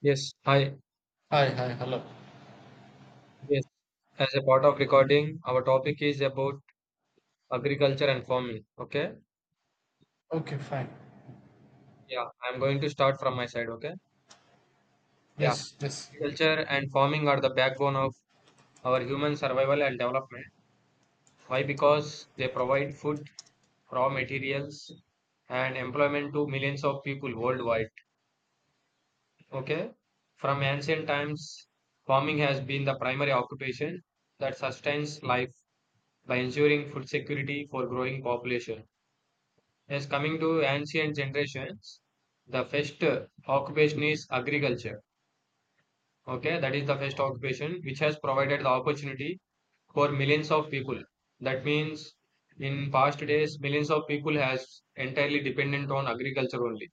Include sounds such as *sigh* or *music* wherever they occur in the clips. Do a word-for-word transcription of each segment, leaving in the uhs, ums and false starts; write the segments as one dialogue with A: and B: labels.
A: Yes, hi.
B: Hi, hi, hello.
A: Yes, as a part of recording, our topic is about agriculture and farming. Okay.
B: Okay, fine.
A: Yeah, I'm going to start from my side. Okay. Yeah,
B: Yes, yes,
A: agriculture and farming are the backbone of our human survival and development. Why? Because they provide food, raw materials, and employment to millions of people worldwide. Okay. From ancient times, farming has been the primary occupation that sustains life by ensuring food security for growing population. Yes, coming to ancient generations, the first occupation is agriculture. Okay, that is the first occupation which has provided the opportunity for millions of people. That means in past days, millions of people has entirely dependent on agriculture only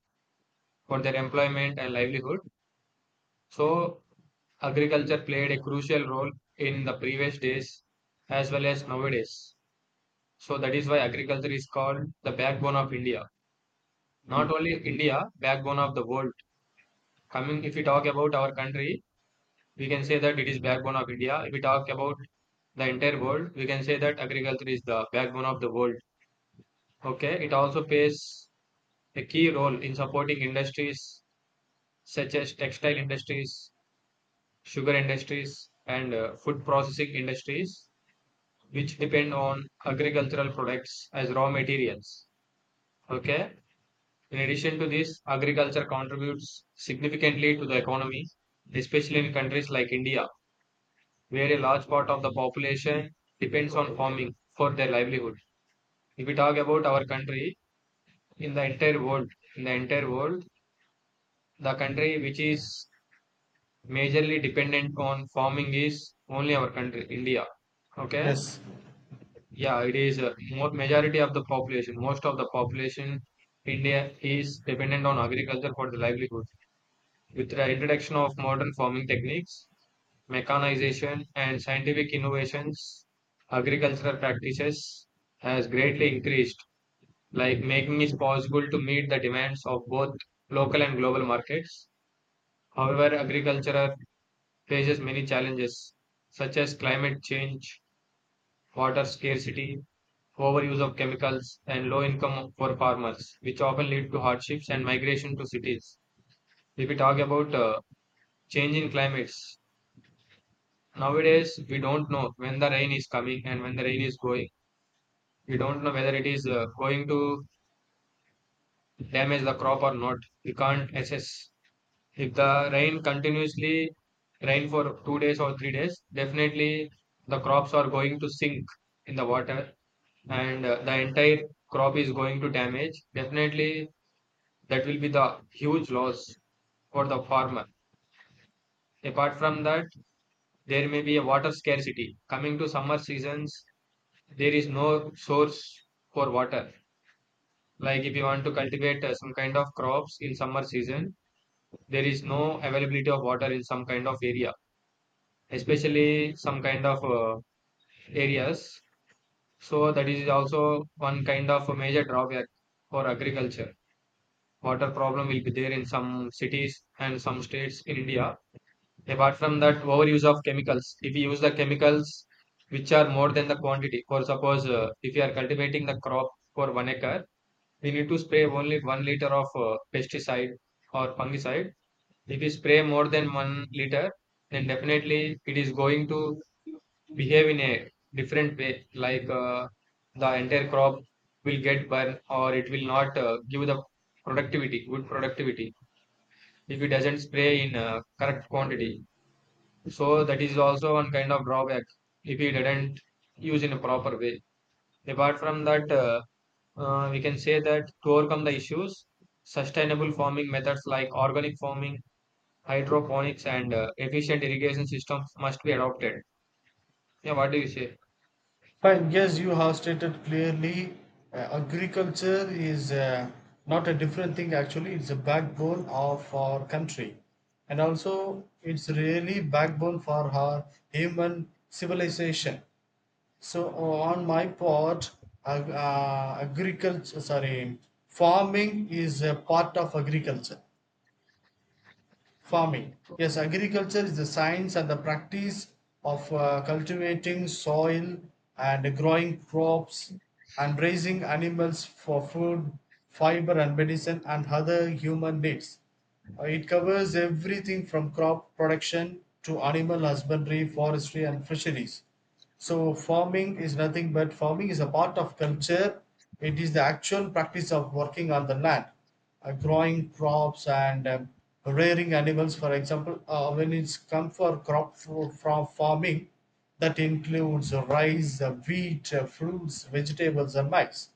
A: for their employment and livelihood. So agriculture played a crucial role in the previous days as well as nowadays. So that is why agriculture is called the backbone of India. Not
B: Mm.
A: only India, backbone of the world. Coming, if we talk about our country, we can say that it is backbone of India. If we talk about the entire world, we can say that agriculture is the backbone of the world. Okay, it also plays a key role in supporting industries such as textile industries, sugar industries, and uh, food processing industries, which depend on agricultural products as raw materials. Okay, in addition to this, agriculture contributes significantly to the economy, especially in countries like India where a large part of the population depends on farming for their livelihood. If we talk about our country in the entire world, in the entire world, the country which is majorly dependent on farming is only our country, India. Okay,
B: yes.
A: yeah, it is uh, more majority of the population, most of the population. India is dependent on agriculture for the livelihood. With the introduction of modern farming techniques, mechanization and scientific innovations, agricultural practices has greatly increased, like making it possible to meet the demands of both local and global markets. However, agriculture faces many challenges such as climate change, water scarcity, overuse of chemicals, and low income for farmers, which often lead to hardships and migration to cities. If we talk about uh, change in climates, nowadays we don't know when the rain is coming and when the rain is going. We don't know whether it is uh, going to damage the crop or not. We can't assess. If the rain continuously rain for two days or three days, definitely the crops are going to sink in the water and uh, the entire crop is going to damage. Definitely, that will be the huge loss for the farmer. Apart from that, there may be a water scarcity. Coming to summer seasons, there is no source for water. Like if you want to cultivate uh, some kind of crops in summer season, there is no availability of water in some kind of area, especially some kind of uh, areas. So that is also one kind of a major drawback for agriculture. Water problem will be there in some cities and some states in India. Apart from that, overuse of chemicals. If you use the chemicals which are more than the quantity, for suppose uh, if you are cultivating the crop for one acre, we need to spray only one liter of uh, pesticide or fungicide. If we spray more than one liter, then definitely it is going to behave in a different way, like uh, the entire crop will get burned or it will not uh, give the productivity, good productivity, if it doesn't spray in uh, correct quantity. So that is also one kind of drawback if we didn't use in a proper way. Apart from that, uh, uh, we can say that to overcome the issues, sustainable farming methods like organic farming, hydroponics, and uh, efficient irrigation systems must be adopted. Yeah, what do you say?
B: Fine. Yes, you have stated clearly uh, agriculture is uh, not a different thing, actually, it's a backbone of our country. And also, it's really backbone for our human civilization. So, on my part, ag- uh, agriculture, sorry, farming is a part of agriculture. Farming. Yes, agriculture is the science and the practice of uh, cultivating soil and growing crops and raising animals for food, fiber, and medicine and other human needs. Uh, it covers everything from crop production to animal husbandry, forestry, and fisheries. So farming is nothing but farming is a part of culture. It is the actual practice of working on the land, uh, growing crops and um, rearing animals. For example, uh, when it's come for crop fro- from farming, that includes rice, uh, wheat, uh, fruits, vegetables, and maize.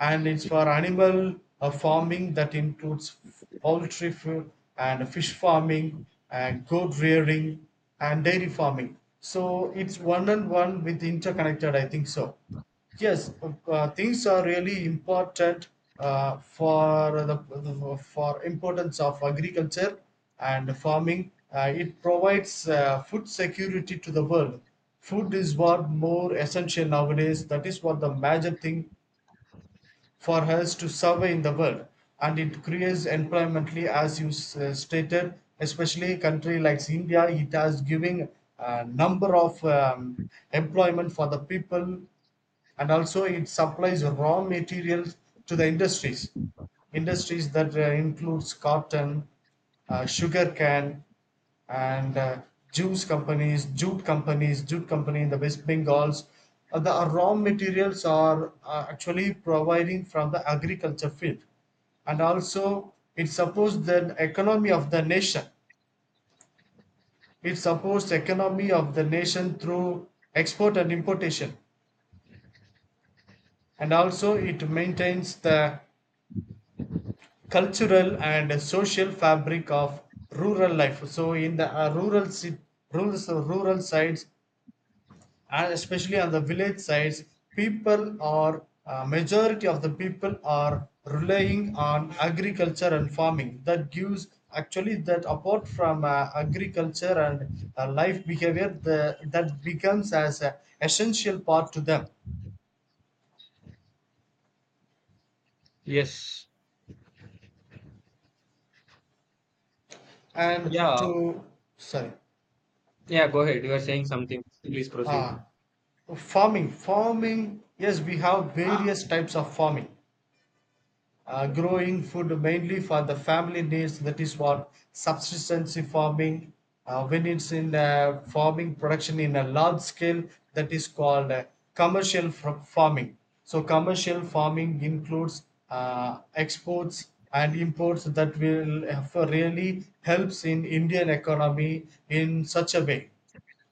B: And it's for animal uh, farming that includes poultry food and fish farming and goat rearing and dairy farming. So it's one and one with interconnected, I think so. Yes, uh, things are really important uh, for the for importance of agriculture and farming. Uh, it provides uh, food security to the world. Food is what more essential nowadays. That is what the major thing for us to survey in the world, and it creates employment as you s- uh, stated, especially a country like India. It has giving a number of um, employment for the people, and also it supplies raw materials to the industries. Industries that uh, includes cotton, uh, sugar cane, and uh, juice companies, jute companies, jute company in the west bengals. Uh, the raw materials are uh, actually providing from the agriculture field, and also it supports the economy of the nation. It supports economy of the nation through export and importation, and also it maintains the cultural and social fabric of rural life. So in the uh, rural sit- rural so rural sides, and especially on the village sides, people are uh, majority of the people are relying on agriculture and farming. That gives actually that apart from uh, agriculture and uh, life behavior, the, that becomes as an essential part to them
A: Yes.
B: and
A: Yeah,
B: to sorry.
A: yeah, go ahead. You are saying something. Please proceed.
B: Ah, Farming, farming. Yes, we have various types of farming. Uh, growing food mainly for the family needs. That is what subsistence farming. Uh, when it's in uh, farming production in a large scale, that is called uh, commercial fr- farming. So commercial farming includes uh, exports and imports that will uh, really helps in Indian economy in such a way.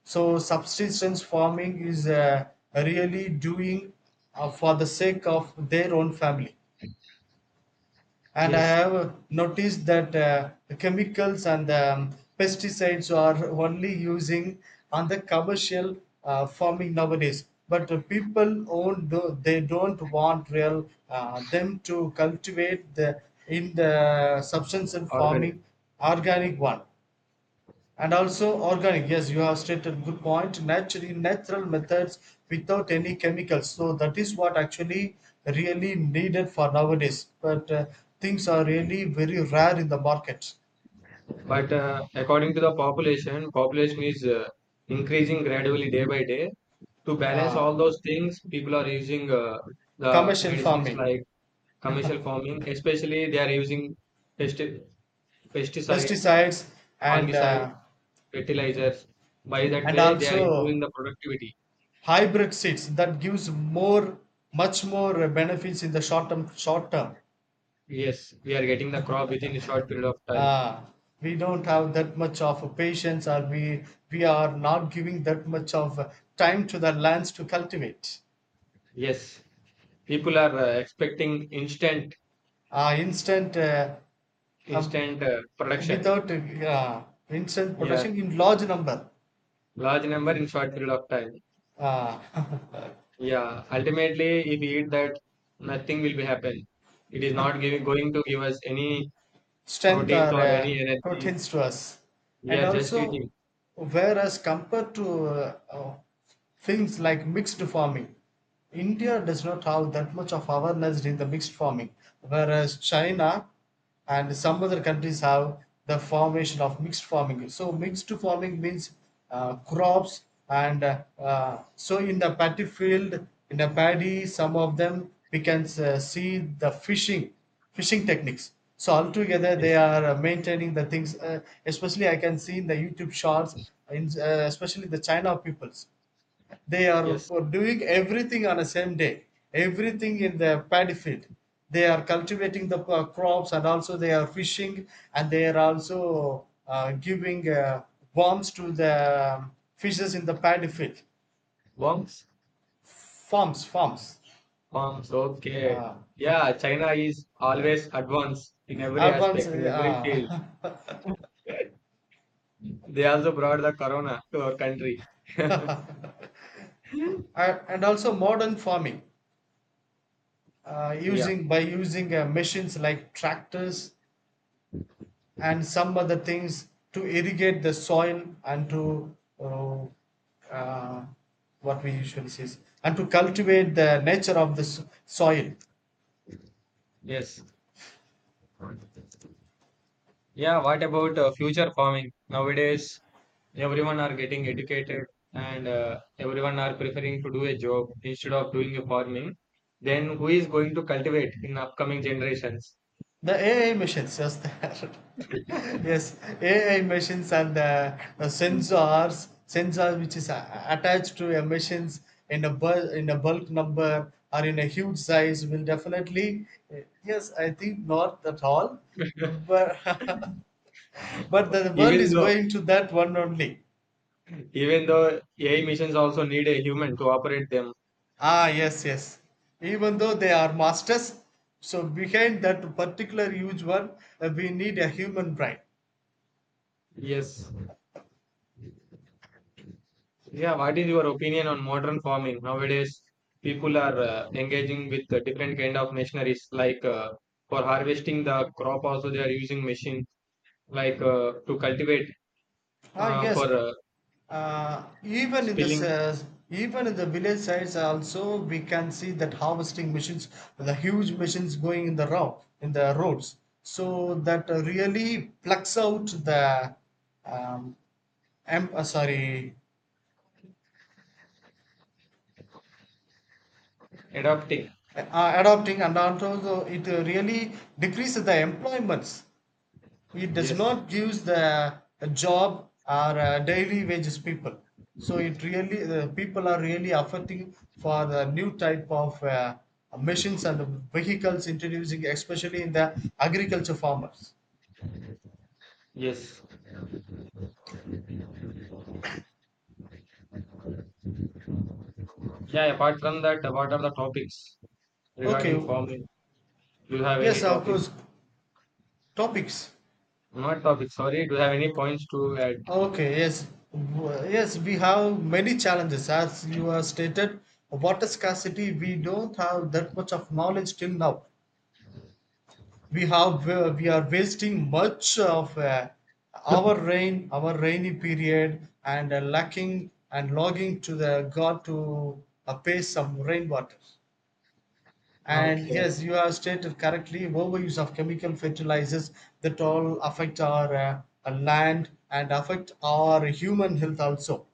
B: So subsistence farming is uh, really doing uh, for the sake of their own family. And I
A: Yes.
B: have noticed that uh, the chemicals and um, pesticides are only using on the commercial uh, farming nowadays. But the people own tho- they don't want real uh, them to cultivate the in the subsistence
A: Organic.
B: farming organic one. And also organic, yes, you have stated good point, naturally natural methods without any chemicals. So that is what actually really needed for nowadays, but uh, things are really very rare in the market.
A: But uh, according to the population, population is uh, increasing gradually day by day. To balance
B: uh,
A: all those things, people are using uh, the
B: Commercial
A: medicines
B: farming,
A: like commercial farming, especially they are using pesti- pesticides,
B: pesticides and
A: fungicides,
B: uh,
A: fertilizers. By that
B: and
A: way, they are improving
B: also
A: the productivity.
B: hybrid seeds, that gives more much more benefits in the short term, short term.
A: Yes, we are getting the crop within a short period of time.
B: Ah, we don't have that much of a patience, or we we are not giving that much of uh, time to the lands to cultivate.
A: Yes, people are uh, expecting instant,
B: Ah, instant uh, um,
A: instant uh, production.
B: without uh, Instant
A: Yeah,
B: production in large number.
A: large number in short period of time.
B: Ah, *laughs*
A: Yeah, ultimately, if we eat that, nothing will be happen. It is not giving, going to give us any
B: strength
A: proteins
B: are
A: or
B: uh,
A: any energy.
B: pertains to us.
A: We
B: And
A: are just
B: also,
A: eating.
B: whereas compared to uh, uh, things like mixed farming, India does not have that much of awareness in the mixed farming, whereas China and some other countries have the formation of mixed farming. So mixed farming means uh, crops and uh, uh, so in the paddy field, in the paddy, some of them we can uh, see the fishing fishing techniques. So altogether, they
A: Yes,
B: are uh, maintaining the things. Uh, especially, I can see in the YouTube shorts, in, uh, especially the China peoples, they are
A: yes.
B: doing everything on the same day. Everything in the paddy field. They are cultivating the uh, crops, and also they are fishing, and they are also uh, giving uh, worms to the fishes in the paddy field.
A: Worms?
B: Farms, farms.
A: Worms, okay.
B: Uh,
A: Yeah, China is always advanced in every
B: Advanced
A: aspect, in every field.
B: uh, *laughs*
A: *laughs* They also brought the corona to our country. *laughs*
B: and and also modern farming, uh,
A: Yeah,
B: using by using uh, machines like tractors and some other things to irrigate the soil and to uh, uh, what we usually see is- and to cultivate the nature of the s- soil.
A: yes. Yeah, what about uh, future farming? Nowadays, everyone are getting educated and uh, everyone are preferring to do a job instead of doing a farming. Then who is going to cultivate in upcoming generations?
B: The A I machines, yes, they are. *laughs* Yes, A I machines and the, the sensors, sensors which is a- attached to a machines in a bul- in a bulk number or in a huge size will definitely. Yes, I think not at all,
A: *laughs*
B: but *laughs* but the world
A: Even
B: is
A: though
B: going to that one only.
A: Even though A I missions also need a human to operate them.
B: Ah, yes, yes. Even though they are masters, so behind that particular huge one, uh, we need a human brain.
A: Yes. Yeah, what is your opinion on modern farming? Nowadays, people are uh, engaging with uh, different kind of machineries like uh, for harvesting the crop also they are using machine like uh, to cultivate
B: Ah,
A: uh,
B: yes.
A: for uh,
B: Uh, even in the
A: spilling,
B: s- Even in the village sites also we can see that harvesting machines, the huge machines going in the row in the roads, so that really plucks out the um, em- uh, sorry,
A: adapting.
B: uh, adopting. And also it really decreases the employments, it does
A: Yes.
B: not gives the a job or a daily wages people. So it really the people are really affecting for the new type of uh, machines and the vehicles introducing especially in the agriculture farmers.
A: Yes. Yeah, apart from that, uh, what are the topics
B: Okay,
A: regarding farming? Do you have any
B: yes, of
A: topics?
B: course, topics.
A: Not topics, sorry. Do you have any points to add?
B: Okay, yes. W- yes, we have many challenges as you have stated. Water scarcity, we don't have that much of knowledge till now. We have uh, we are wasting much of uh, our rain, our rainy period, and uh, lacking and logging to the god to uh, pay some rainwater. And
A: Okay.
B: yes, you have stated correctly overuse of chemical fertilizers, that all affect our uh, uh, land and affect our human health also,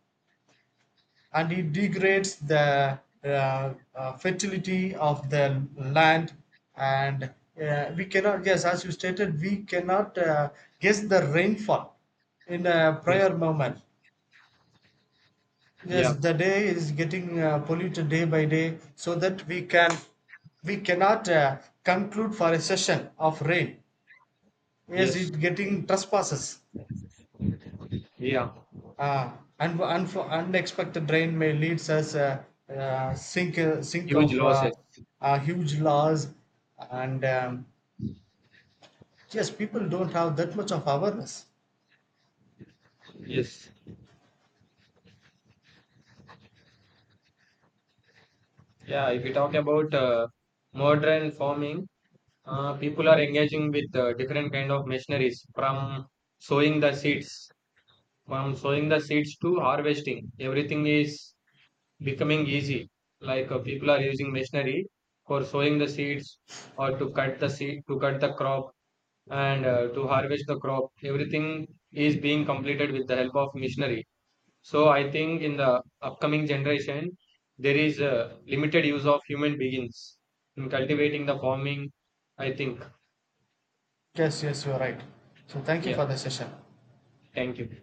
B: and it degrades the uh, uh, fertility of the land. And uh, we cannot, yes, as you stated, we cannot uh, guess the rainfall in a
A: Yes.
B: prior moment.
A: Yeah,
B: Yes, the day is getting uh, polluted day by day, so that we can we cannot uh, conclude for a session of rain. Yes,
A: yes,
B: it getting trespasses.
A: yeah,
B: Uh, un- unf- unexpected rain may lead us a uh, uh, sink uh, sink
A: huge
B: of uh,
A: losses.
B: uh, huge loss, and um, yes, people don't have that much of awareness.
A: Yes, yeah. If you talk about uh, modern farming, uh, people are engaging with uh, different kind of machineries from sowing the seeds, from sowing the seeds to harvesting. Everything is becoming easy. Like uh, people are using machinery for sowing the seeds or to cut the seed, to cut the crop and uh, to harvest the crop. Everything is being completed with the help of machinery. So I think in the upcoming generation, there is a limited use of human beings in cultivating the farming. I think.
B: Yes, yes, you are right. So thank you
A: Yeah.
B: for the session.
A: Thank you.